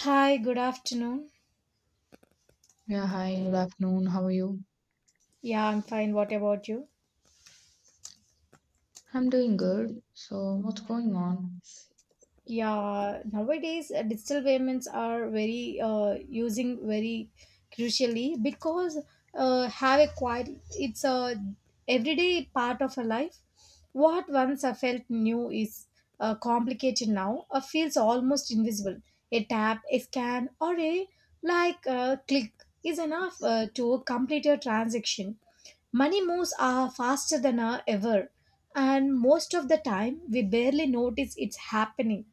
Hi, good afternoon. Yeah, hi, good afternoon. How are you? Yeah, I'm fine. What about you? I'm doing good. So, what's going on? Yeah, nowadays digital payments are very using very crucially because have a quite it's a everyday part of a life. What once I felt new is complicated now. Feels almost invisible. A tap, a scan, or a like click is enough to complete your transaction. Money moves are faster than are ever, and most of the time we barely notice it's happening.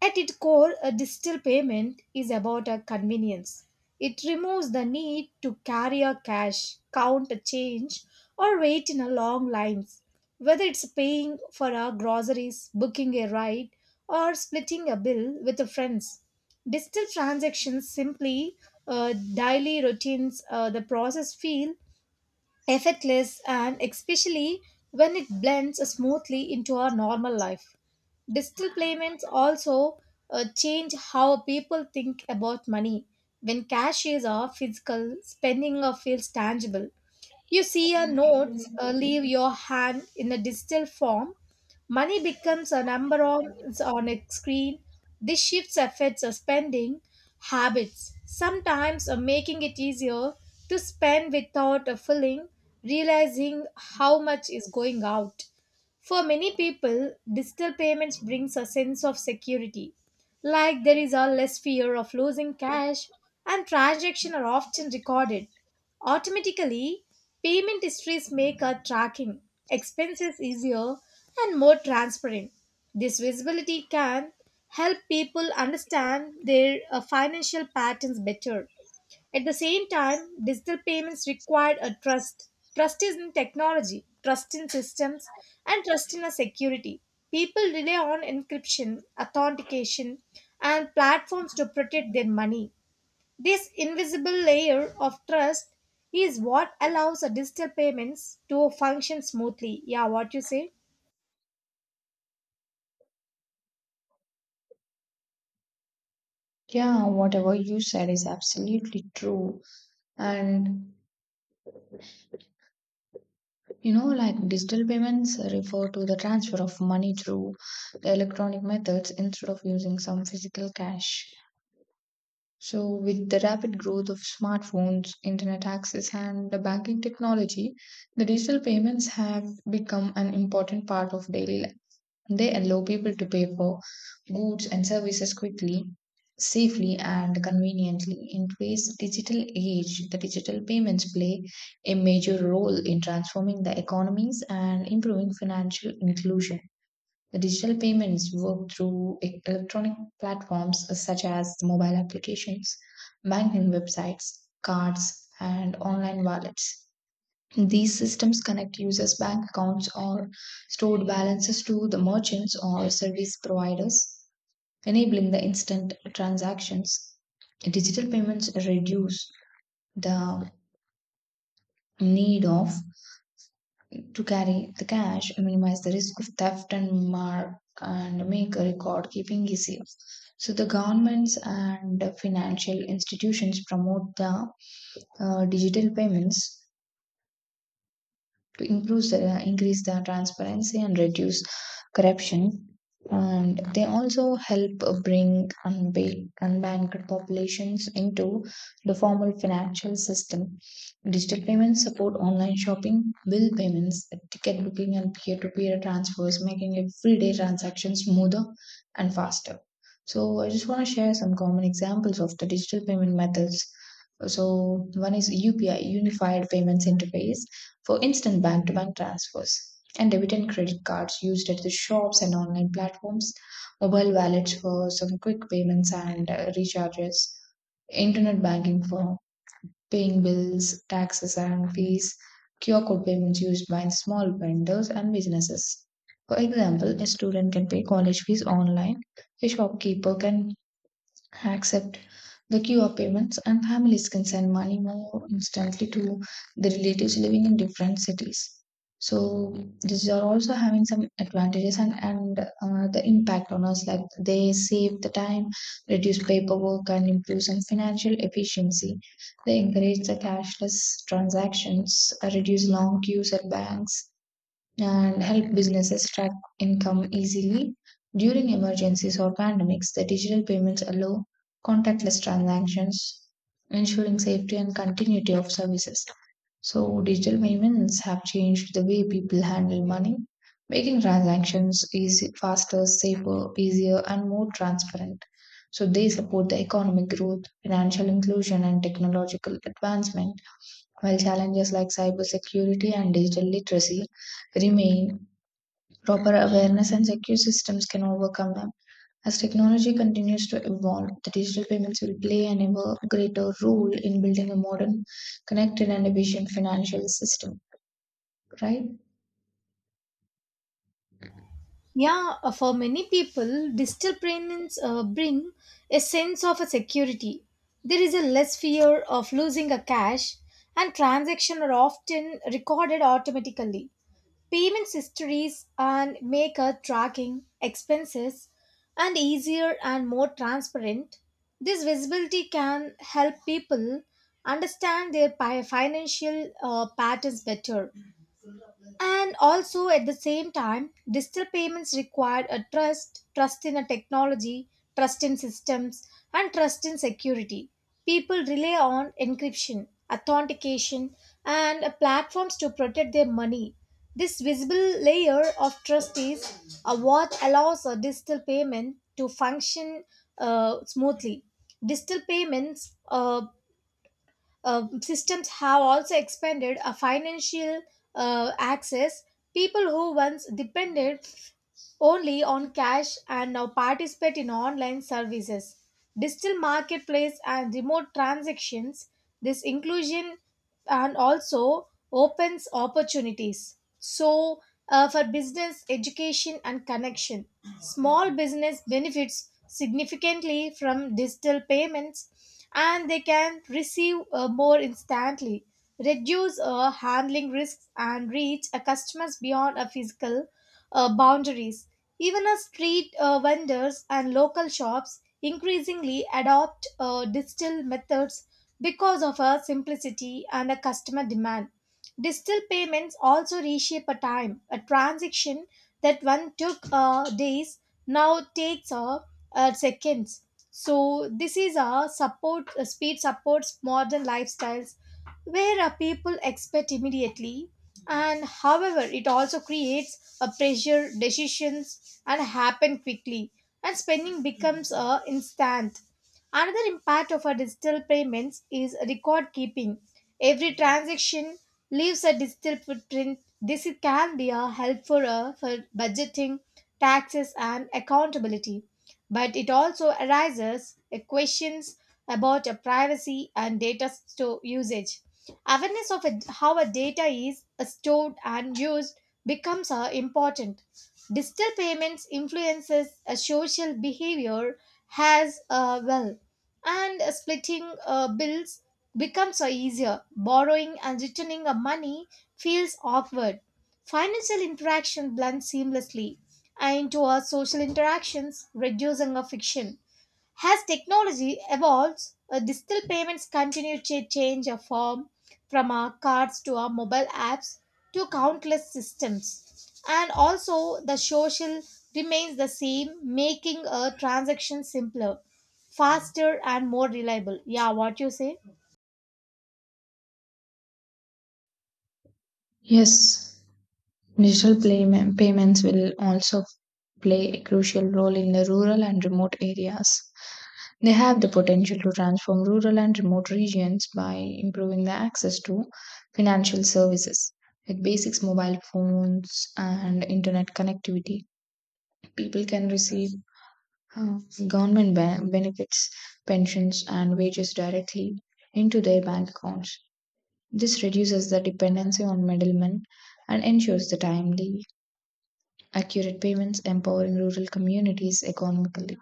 At its core, a digital payment is about a convenience. It removes the need to carry a cash, count a change, or wait in a long lines. Whether it's paying for our groceries, booking a ride, or splitting a bill with a friends, digital transactions simply daily routines the process feel effortless and especially when it blends smoothly into our normal life. Digital payments also change how people think about money. When cash is off, physical spending feels tangible. You see your notes leave your hand in a digital form. Money becomes a number on a screen. This shifts affects our spending habits, sometimes making it easier to spend without a feeling, realizing how much is going out. For many people, digital payments brings a sense of security. Like there is a less fear of losing cash and transactions are often recorded automatically. Payment histories make our tracking expenses easier and more transparent. This visibility can help people understand their financial patterns better. At the same time, digital payments require a trust. Trust is in technology, trust in systems, and trust in a security. People rely on encryption, authentication, and platforms to protect their money. This invisible layer of trust is what allows a digital payments to function smoothly. Yeah, what you say? Yeah, whatever you said is absolutely true. And you know, like digital payments refer to the transfer of money through the electronic methods instead of using some physical cash. So, with the rapid growth of smartphones, internet access, and the banking technology, the digital payments have become an important part of daily life. They allow people to pay for goods and services quickly, safely, and conveniently. In today's digital age, the digital payments play a major role in transforming the economies and improving financial inclusion. The digital payments work through electronic platforms such as mobile applications, banking websites, cards, and online wallets. These systems connect users' bank accounts or stored balances to the merchants or service providers, enabling the instant transactions. Digital payments reduce the need of to carry the cash, minimize the risk of theft and mark and make record keeping easier. So the governments and financial institutions promote the digital payments to improve the, increase the transparency and reduce corruption, and they also help bring unbanked populations into the formal financial system. Digital payments support online shopping, bill payments, ticket booking, and peer-to-peer transfers, making everyday transactions smoother and faster. So I just want to share some common examples of the digital payment methods. So one is UPI, Unified Payments Interface, for instant bank to bank transfers, and debit and credit cards used at the shops and online platforms, mobile wallets for some quick payments and recharges, internet banking for paying bills, taxes, and fees, QR code payments used by small vendors and businesses. For example, a student can pay college fees online, a shopkeeper can accept the QR payments, and families can send money more instantly to the relatives living in different cities. So these are also having some advantages and the impact on us. Like they save the time, reduce paperwork, and improves in financial efficiency. They encourage the cashless transactions, reduce long queues at banks, and help businesses track income easily. During emergencies or pandemics, the digital payments allow contactless transactions, ensuring safety and continuity of services. So, digital payments have changed the way people handle money, making transactions easy, faster, safer, easier, and more transparent. So, they support the economic growth, financial inclusion, and technological advancement while challenges like cybersecurity and digital literacy remain, proper awareness and secure systems can overcome them. As technology continues to evolve, the digital payments will play an ever greater role in building a modern, connected, and efficient financial system, right? Yeah, for many people, digital payments bring a sense of a security. There is a less fear of losing a cash, and transactions are often recorded automatically. Payment histories and make a tracking expenses and easier and more transparent. This visibility can help people understand their financial patterns better. And also at the same time, digital payments require a trust, trust in a technology, trust in systems, and trust in security. People rely on encryption, authentication, and platforms to protect their money. This visible layer of trust is what allows a digital payment to function smoothly. Digital payments systems have also expanded a financial access. People who once depended only on cash and now participate in online services, digital marketplace, and remote transactions. This inclusion and also opens opportunities. So, for business, education, and connection, small business benefits significantly from digital payments and they can receive more instantly, reduce handling risks, and reach a customers beyond a physical boundaries. Even a street vendors and local shops increasingly adopt digital methods because of a simplicity and a customer demand. Digital payments also reshape a time, a transaction that one took days now takes a, seconds. So this is a support speed supports modern lifestyles where people expect immediately, and however it also creates a pressure decisions and happen quickly, and spending becomes a instant. Another impact of our digital payments is record keeping. Every transaction leaves a digital footprint. This can be a help for budgeting, taxes, and accountability. But it also arises questions about privacy and data store usage. Awareness of how a data is stored and used becomes important. Digital payments influences a social behavior as well, and splitting bills becomes easier. Borrowing and returning money feels awkward. Financial interaction blends seamlessly into our social interactions, reducing our friction. As technology evolves, digital payments continue to change a form from our cards to our mobile apps to countless systems. And also, the social remains the same, making a transaction simpler, faster, and more reliable. Yeah, what you say? Yes, digital payments will also play a crucial role in the rural and remote areas. They have the potential to transform rural and remote regions by improving the access to financial services. With basics mobile phones and internet connectivity, people can receive uh, government benefits, pensions, and wages directly into their bank accounts. This reduces the dependency on middlemen and ensures the timely, accurate payments, empowering rural communities economically.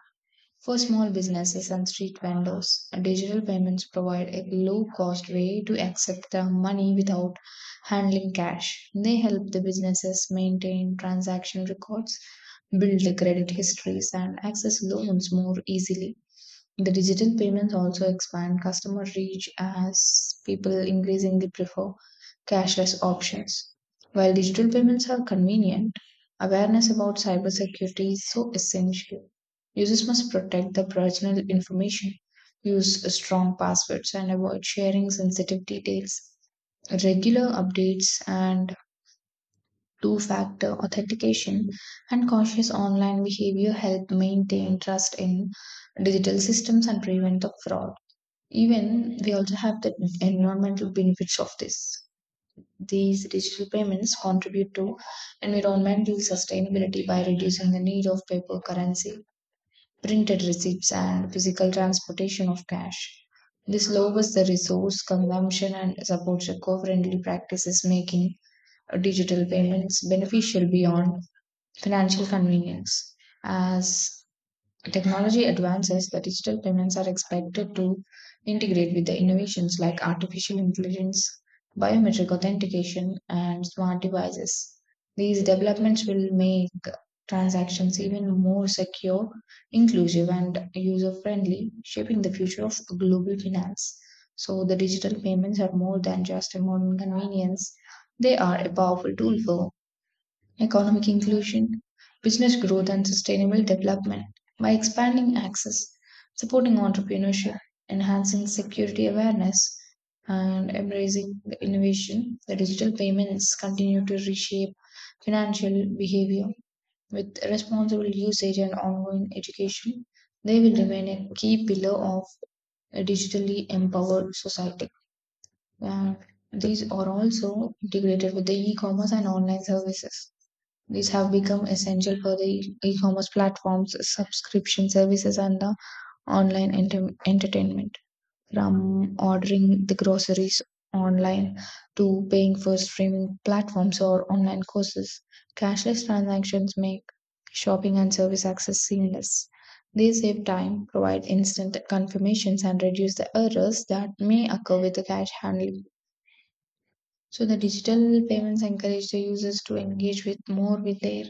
For small businesses and street vendors, digital payments provide a low cost way to accept the money without handling cash. They help the businesses maintain transaction records, build the credit histories, and access loans more easily. The digital payments also expand customer reach as people increasingly prefer cashless options. While digital payments are convenient, awareness about cybersecurity is so essential. Users must protect their personal information, use strong passwords, and avoid sharing sensitive details. Regular updates and two factor authentication, and cautious online behavior help maintain trust in digital systems and prevent the fraud. Even we also have the environmental benefits of this. These digital payments contribute to environmental sustainability by reducing the need of paper currency, printed receipts, and physical transportation of cash. This lowers the resource consumption and supports eco friendly practices, making digital payments beneficial beyond financial convenience. As technology advances, the digital payments are expected to integrate with the innovations like artificial intelligence, biometric authentication, and smart devices. These developments will make transactions even more secure, inclusive, and user friendly, shaping the future of global finance. So, the digital payments are more than just a modern convenience, they are a powerful tool for economic inclusion, business growth, and sustainable development by expanding access, supporting entrepreneurship, enhancing security awareness, and embracing the innovation. The digital payments continue to reshape financial behavior with responsible usage and ongoing education. They will remain a key pillar of a digitally empowered society. And these are also integrated with the e commerce and online services. These have become essential for the e-commerce platforms, subscription services, and the online entertainment. From ordering the groceries online to paying for streaming platforms or online courses, cashless transactions make shopping and service access seamless. They save time, provide instant confirmations, and reduce the errors that may occur with the cash handling. So the digital payments encourage the users to engage with more with their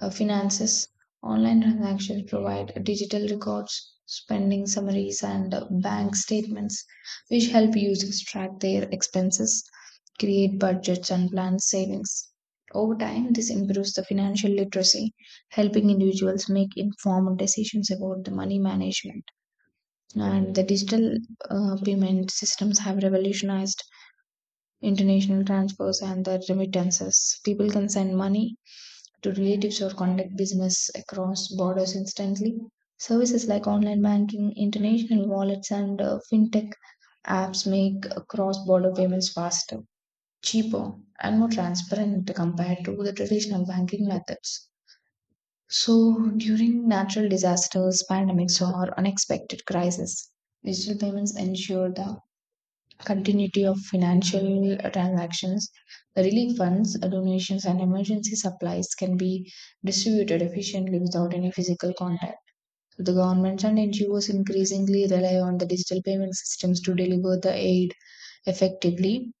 finances. Online transactions provide digital records, spending summaries, and bank statements, which help users track their expenses, create budgets, and plan savings. Over time, this improves the financial literacy, helping individuals make informed decisions about the money management. And the digital payment systems have revolutionized international transfers and the remittances. People can send money to relatives or conduct business across borders instantly. Services like online banking, international wallets, and fintech apps make cross border payments faster, cheaper, and more transparent compared to the traditional banking methods. So, during natural disasters, pandemics, or unexpected crises, digital payments ensure the continuity of financial transactions, relief funds, donations, and emergency supplies can be distributed efficiently without any physical contact. So the governments and NGOs increasingly rely on the digital payment systems to deliver the aid effectively.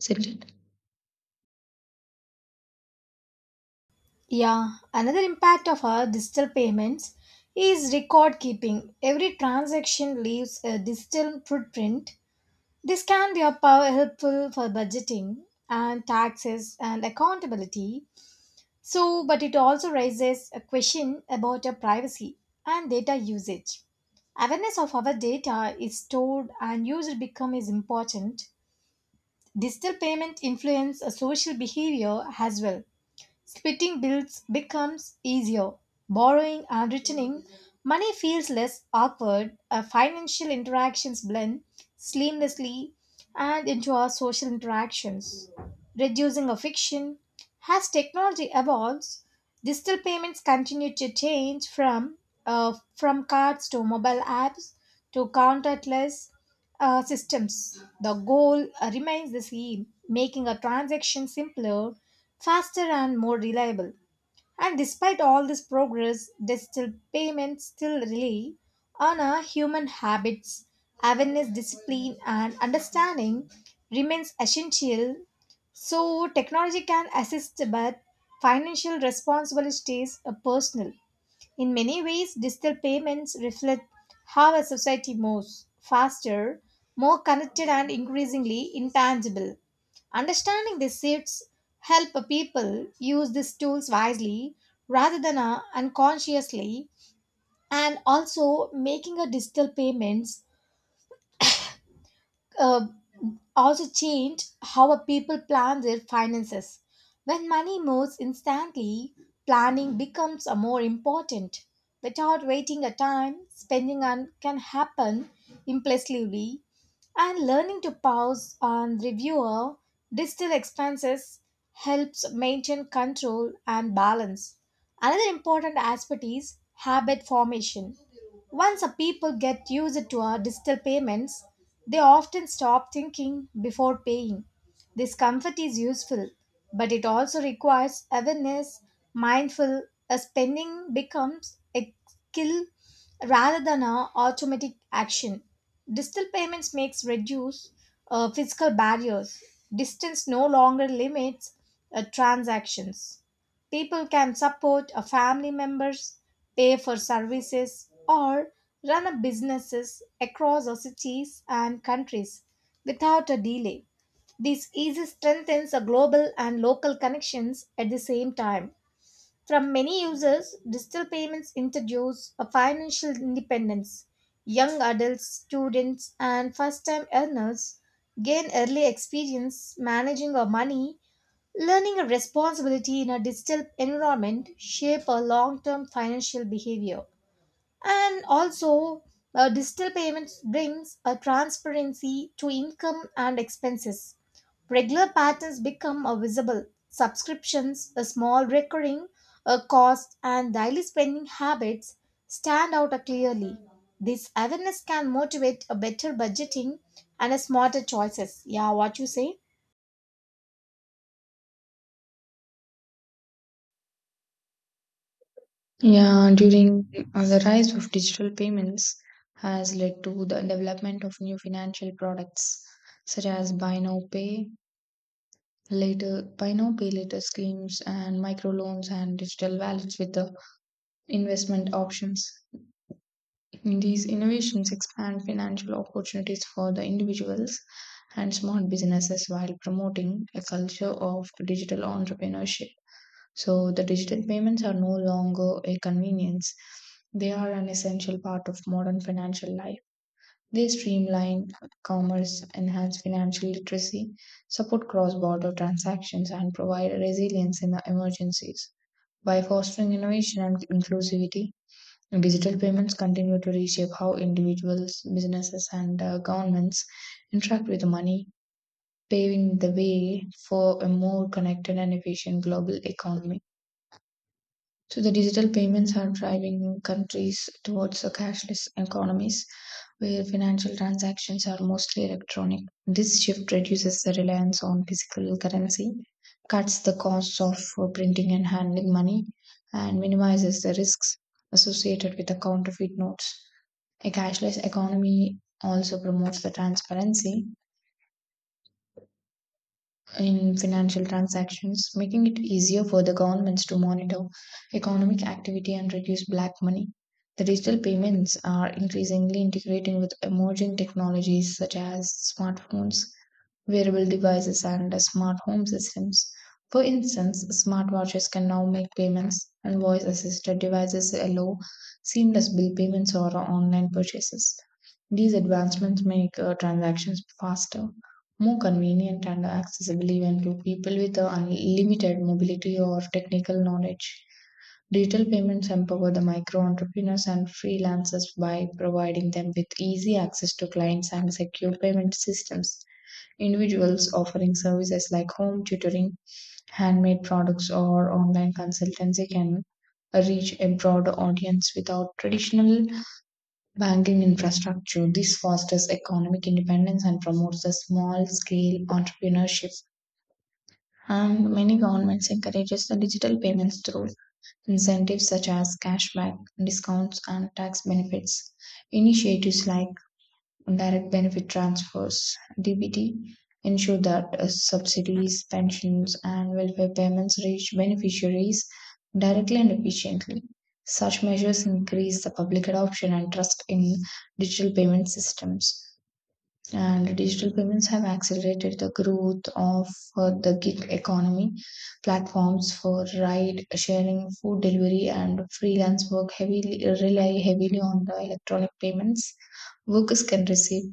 Is it? Yeah, another impact of our digital payments is record keeping. Every transaction leaves a digital footprint. This can be a power helpful for budgeting and taxes and accountability. So, but it also raises a question about your privacy and data usage. Awareness of our data is stored and used become is important. Digital payment influence a social behavior as well. Splitting bills becomes easier. Borrowing and returning money feels less awkward. Our financial interactions blend seamlessly and into our social interactions. Reducing of friction as technology evolves, digital payments continue to change from cards to mobile apps to contactless systems. The goal remains the same: making a transaction simpler, faster, and more reliable. And despite all this progress, digital payments still rely on our human habits, awareness, discipline, and understanding remains essential. So technology can assist, but financial responsibility stays personal. In many ways, digital payments reflect how a society moves faster, more connected, and increasingly intangible. Understanding these shifts help people use these tools wisely rather than unconsciously, and also making a digital payments uh, also change how a people plan their finances. When money moves instantly, planning becomes a more important. Without waiting a time, spending on can happen impulsively, and learning to pause and review our digital expenses helps maintain control and balance. Another important aspect is habit formation. Once a people get used to our digital payments, they often stop thinking before paying. This comfort is useful, but it also requires awareness, mindful as spending becomes a skill rather than an automatic action. Digital payments makes reduce physical barriers. Distance no longer limits transactions. People can support a family members, pay for services, or run a businesses across our cities and countries without a delay. This easily strengthens a global and local connections at the same time. From many users, digital payments introduce a financial independence. Young adults, students, and first-time earners gain early experience managing our money. Learning a responsibility in a digital environment shape a long-term financial behavior. And also, digital payments brings a transparency to income and expenses. Regular patterns become a visible. Subscriptions, a small recurring a cost, and daily spending habits stand out clearly. This awareness can motivate a better budgeting and a smarter choices. Yeah, what you say? Yeah, during the rise of digital payments has led to the development of new financial products such as buy now, pay later schemes and microloans and digital wallets with the investment options. These innovations expand financial opportunities for the individuals and small businesses while promoting a culture of digital entrepreneurship. So, the digital payments are no longer a convenience, they are an essential part of modern financial life. They streamline commerce, enhance financial literacy, support cross border transactions, and provide resilience in emergencies. By fostering innovation and inclusivity, digital payments continue to reshape how individuals, businesses, and governments interact with money, paving the way for a more connected and efficient global economy. So the digital payments are driving countries towards a cashless economies where financial transactions are mostly electronic. This shift reduces the reliance on physical currency, cuts the costs of printing and handling money, and minimizes the risks associated with the counterfeit notes. A cashless economy also promotes the transparency in financial transactions, making it easier for the governments to monitor economic activity and reduce black money. The digital payments are increasingly integrating with emerging technologies such as smartphones, wearable devices, and smart home systems. For instance, smartwatches can now make payments, and voice assisted devices allow seamless bill payments or online purchases. These advancements make transactions faster, more convenient, and accessible even to people with unlimited mobility or technical knowledge. Digital payments empower the micro entrepreneurs and freelancers by providing them with easy access to clients and secure payment systems. Individuals offering services like home tutoring, handmade products, or online consultancy can reach a broader audience without traditional banking infrastructure. This fosters economic independence and promotes the small scale entrepreneurship. And many governments encourages the digital payments through incentives such as cashback, discounts, and tax benefits. Initiatives like direct benefit transfers (DBT) ensure that subsidies, pensions, and welfare payments reach beneficiaries directly and efficiently. Such measures increase the public adoption and trust in digital payment systems, and digital payments have accelerated the growth of the gig economy. Platforms for ride sharing, food delivery, and freelance work heavily rely heavily on the electronic payments. Workers can receive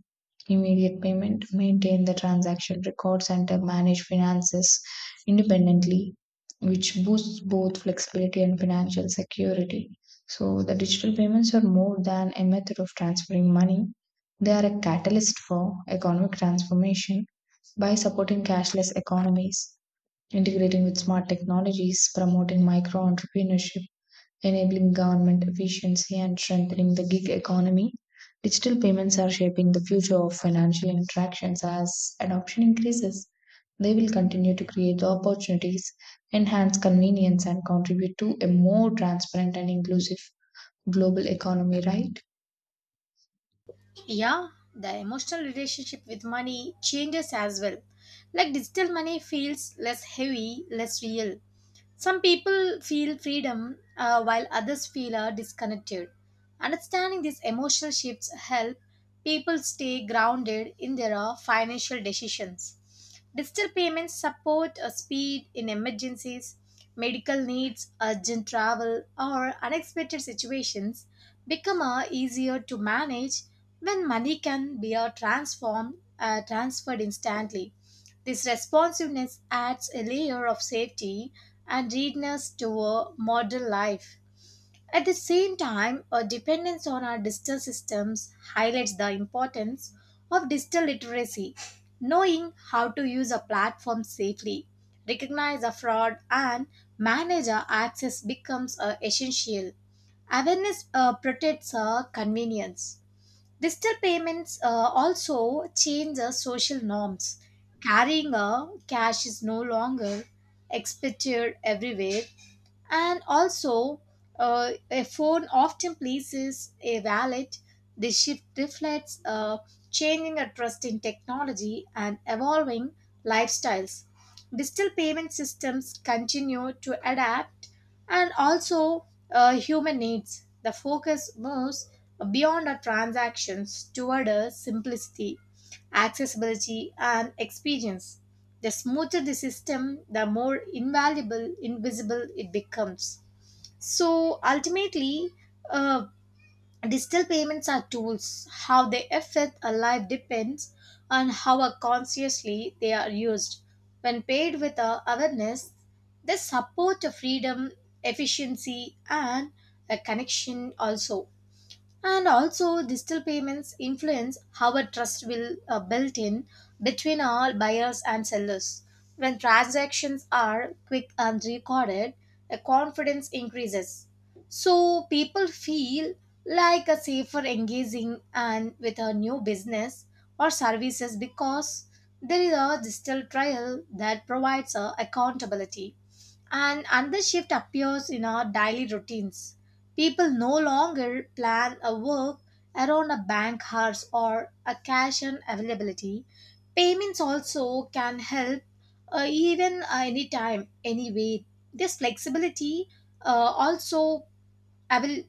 immediate payment, maintain the transaction records, and manage finances independently, which boosts both flexibility and financial security. So, the digital payments are more than a method of transferring money, they are a catalyst for economic transformation by supporting cashless economies, integrating with smart technologies, promoting micro entrepreneurship, enabling government efficiency, and strengthening the gig economy. Digital payments are shaping the future of financial interactions as adoption increases. They will continue to create the opportunities, enhance convenience, and contribute to a more transparent and inclusive global economy, right? Yeah, the emotional relationship with money changes as well. Like digital money feels less heavy, less real. Some people feel freedom while others feel are disconnected. Understanding these emotional shifts help people stay grounded in their financial decisions. Digital payments support speed in emergencies, medical needs, urgent travel, or unexpected situations become easier to manage when money can be transformed transferred instantly. This responsiveness adds a layer of safety and readiness to a modern life. At the same time, a dependence on our digital systems highlights the importance of digital literacy, knowing how to use a platform safely, recognize a fraud, and manage our access becomes essential. Awareness protects our convenience. Digital payments also change the social norms. Carrying a cash is no longer expected everywhere, and also, a phone often places a wallet. This shift reflects a changing a trust in technology and evolving lifestyles. Digital payment systems continue to adapt and also human needs. The focus moves beyond our transactions toward a simplicity, accessibility, and experience. The smoother the system, the more invaluable, invisible it becomes. So ultimately, uh, digital payments are tools. How they affect a life depends on how consciously they are used. When paid with awareness, they support a freedom, efficiency, and a connection also, and also digital payments influence how a trust will built in between all buyers and sellers. When transactions are quick and recorded, the confidence increases. So people feel like a safer engaging and with a new business or services because there is a digital trial that provides a accountability. And another shift appears in our daily routines. People no longer plan a work around a bank hours or a cash and availability. Payments also can help even anytime, anyway. This flexibility uh, also avail-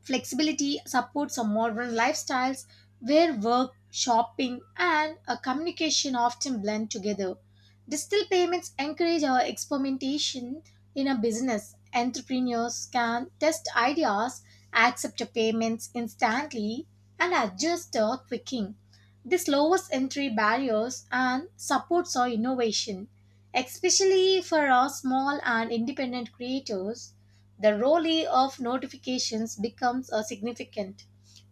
flexibility supports a modern lifestyles where work, shopping, and a communication often blend together. Digital payments encourage our experimentation in a business. Entrepreneurs can test ideas, accept the payments instantly, and adjust their thinking. This lowers entry barriers and supports our innovation, especially for our small and independent creators. The role of notifications becomes a significant.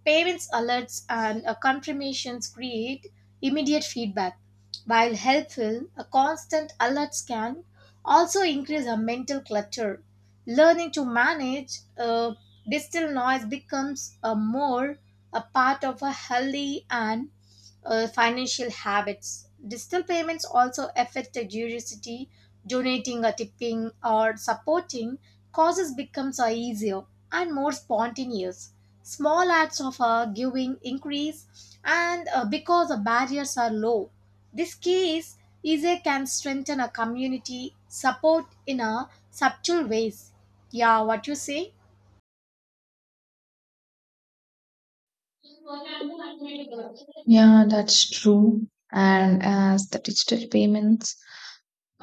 Payments alerts and confirmations create immediate feedback. While helpful, a constant alert can also increase our mental clutter. Learning to manage digital noise becomes a more a part of a healthy and financial habits. Digital payments also affect the curiosity, donating a tipping or supporting causes becomes easier and more spontaneous. Small acts of giving increase, and because the barriers are low, this case easier can strengthen a community support in a subtle ways. Yeah, what you say? Yeah, that's true. And as the digital payments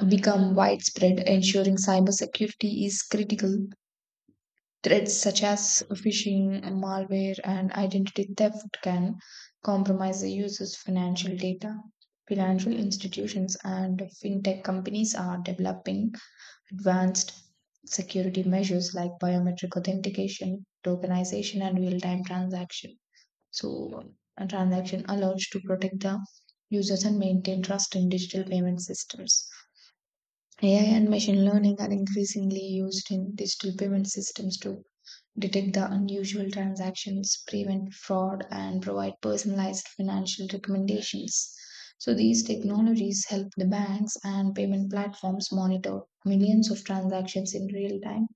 become widespread, ensuring cybersecurity is critical. Threats such as phishing, malware, and identity theft can compromise the user's financial data. Financial institutions and fintech companies are developing advanced security measures like biometric authentication, tokenization, and real-time transaction. So, a transaction allows to protect the users and maintain trust in digital payment systems. AI and machine learning are increasingly used in digital payment systems to detect the unusual transactions, prevent fraud, and provide personalized financial recommendations. So, these technologies help the banks and payment platforms monitor millions of transactions in real time,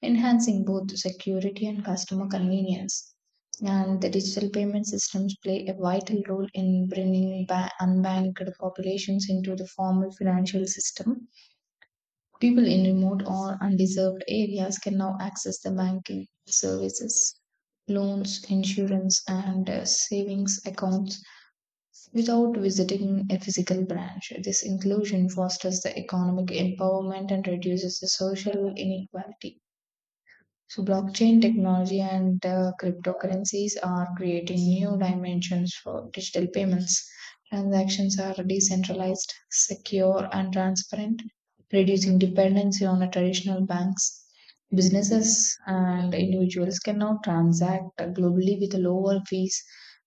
enhancing both the security and customer convenience. And the digital payment systems play a vital role in bringing unbanked populations into the formal financial system. People in remote or undeserved areas can now access the banking services, loans, insurance, and savings accounts without visiting a physical branch. This inclusion fosters the economic empowerment and reduces the social inequality. So blockchain technology and cryptocurrencies are creating new dimensions for digital payments. Transactions are decentralized, secure, and transparent, reducing dependency on the traditional banks. Businesses and individuals can now transact globally with lower fees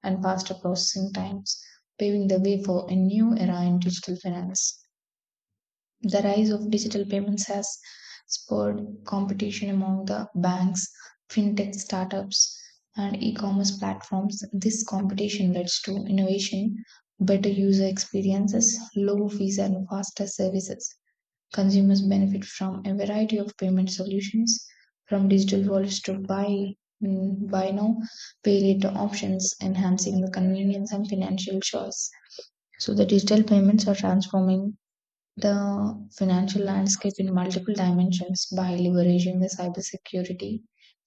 and faster processing times, paving the way for a new era in digital finance. The rise of digital payments has spurred competition among the banks, fintech startups, and e commerce platforms. This competition leads to innovation, better user experiences, low fees, and faster services. Consumers benefit from a variety of payment solutions, from digital wallets to buy now, pay later options, enhancing the convenience and financial choice. So, the digital payments are transforming the financial landscape in multiple dimensions by leveraging the cybersecurity,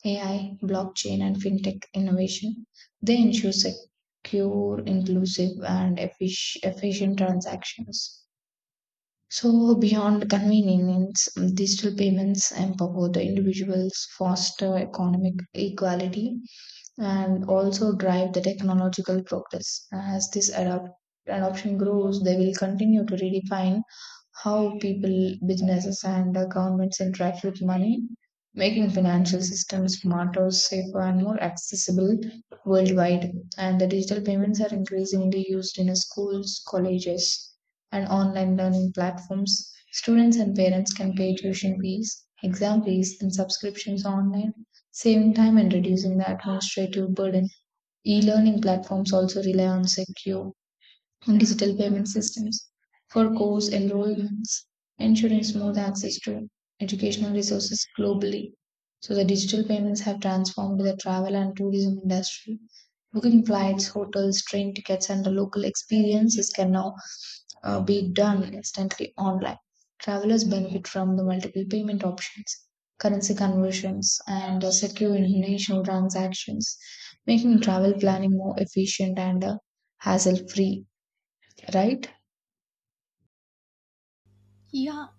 AI, blockchain, and fintech innovation. They ensure secure, inclusive, and efficient transactions. So, beyond convenience, digital payments empower the individuals, foster economic equality, and also drive the technological progress. As this adoption grows, they will continue to redefine how people, businesses, and governments interact with money, making financial systems smarter, safer, and more accessible worldwide. And the digital payments are increasingly used in schools, colleges, and online learning platforms. Students and parents can pay tuition fees, exam fees, and subscriptions online, saving time and reducing the administrative burden. E learning platforms also rely on secure digital payment systems for course enrollments, ensuring smooth access to educational resources globally. So, the digital payments have transformed the travel and tourism industry. Booking flights, hotels, train tickets, and the local experiences can now be done instantly online. Travelers benefit from the multiple payment options, currency conversions, and secure international transactions, making travel planning more efficient and hassle free, right? Yeah,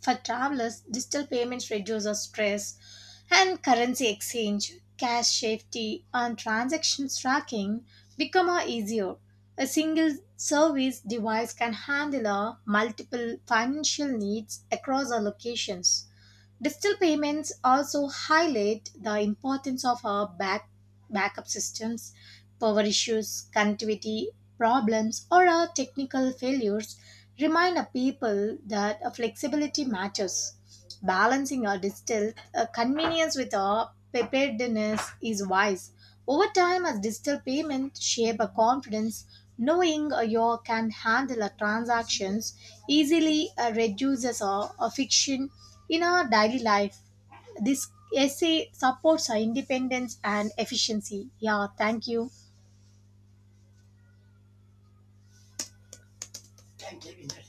for travelers, digital payments reduces stress, and currency exchange, cash safety, and transaction tracking become a easier. A single service device can handle a multiple financial needs across our locations. Digital payments also highlight the importance of our backup systems, power issues, connectivity problems, or our technical failures. Remind our people that our flexibility matters. Balancing our digital convenience with a preparedness is wise. Over time, as digital payment shape a confidence, knowing you can handle a transactions easily reduces a fiction in our daily life. This essay supports our independence and efficiency. Yeah, thank you.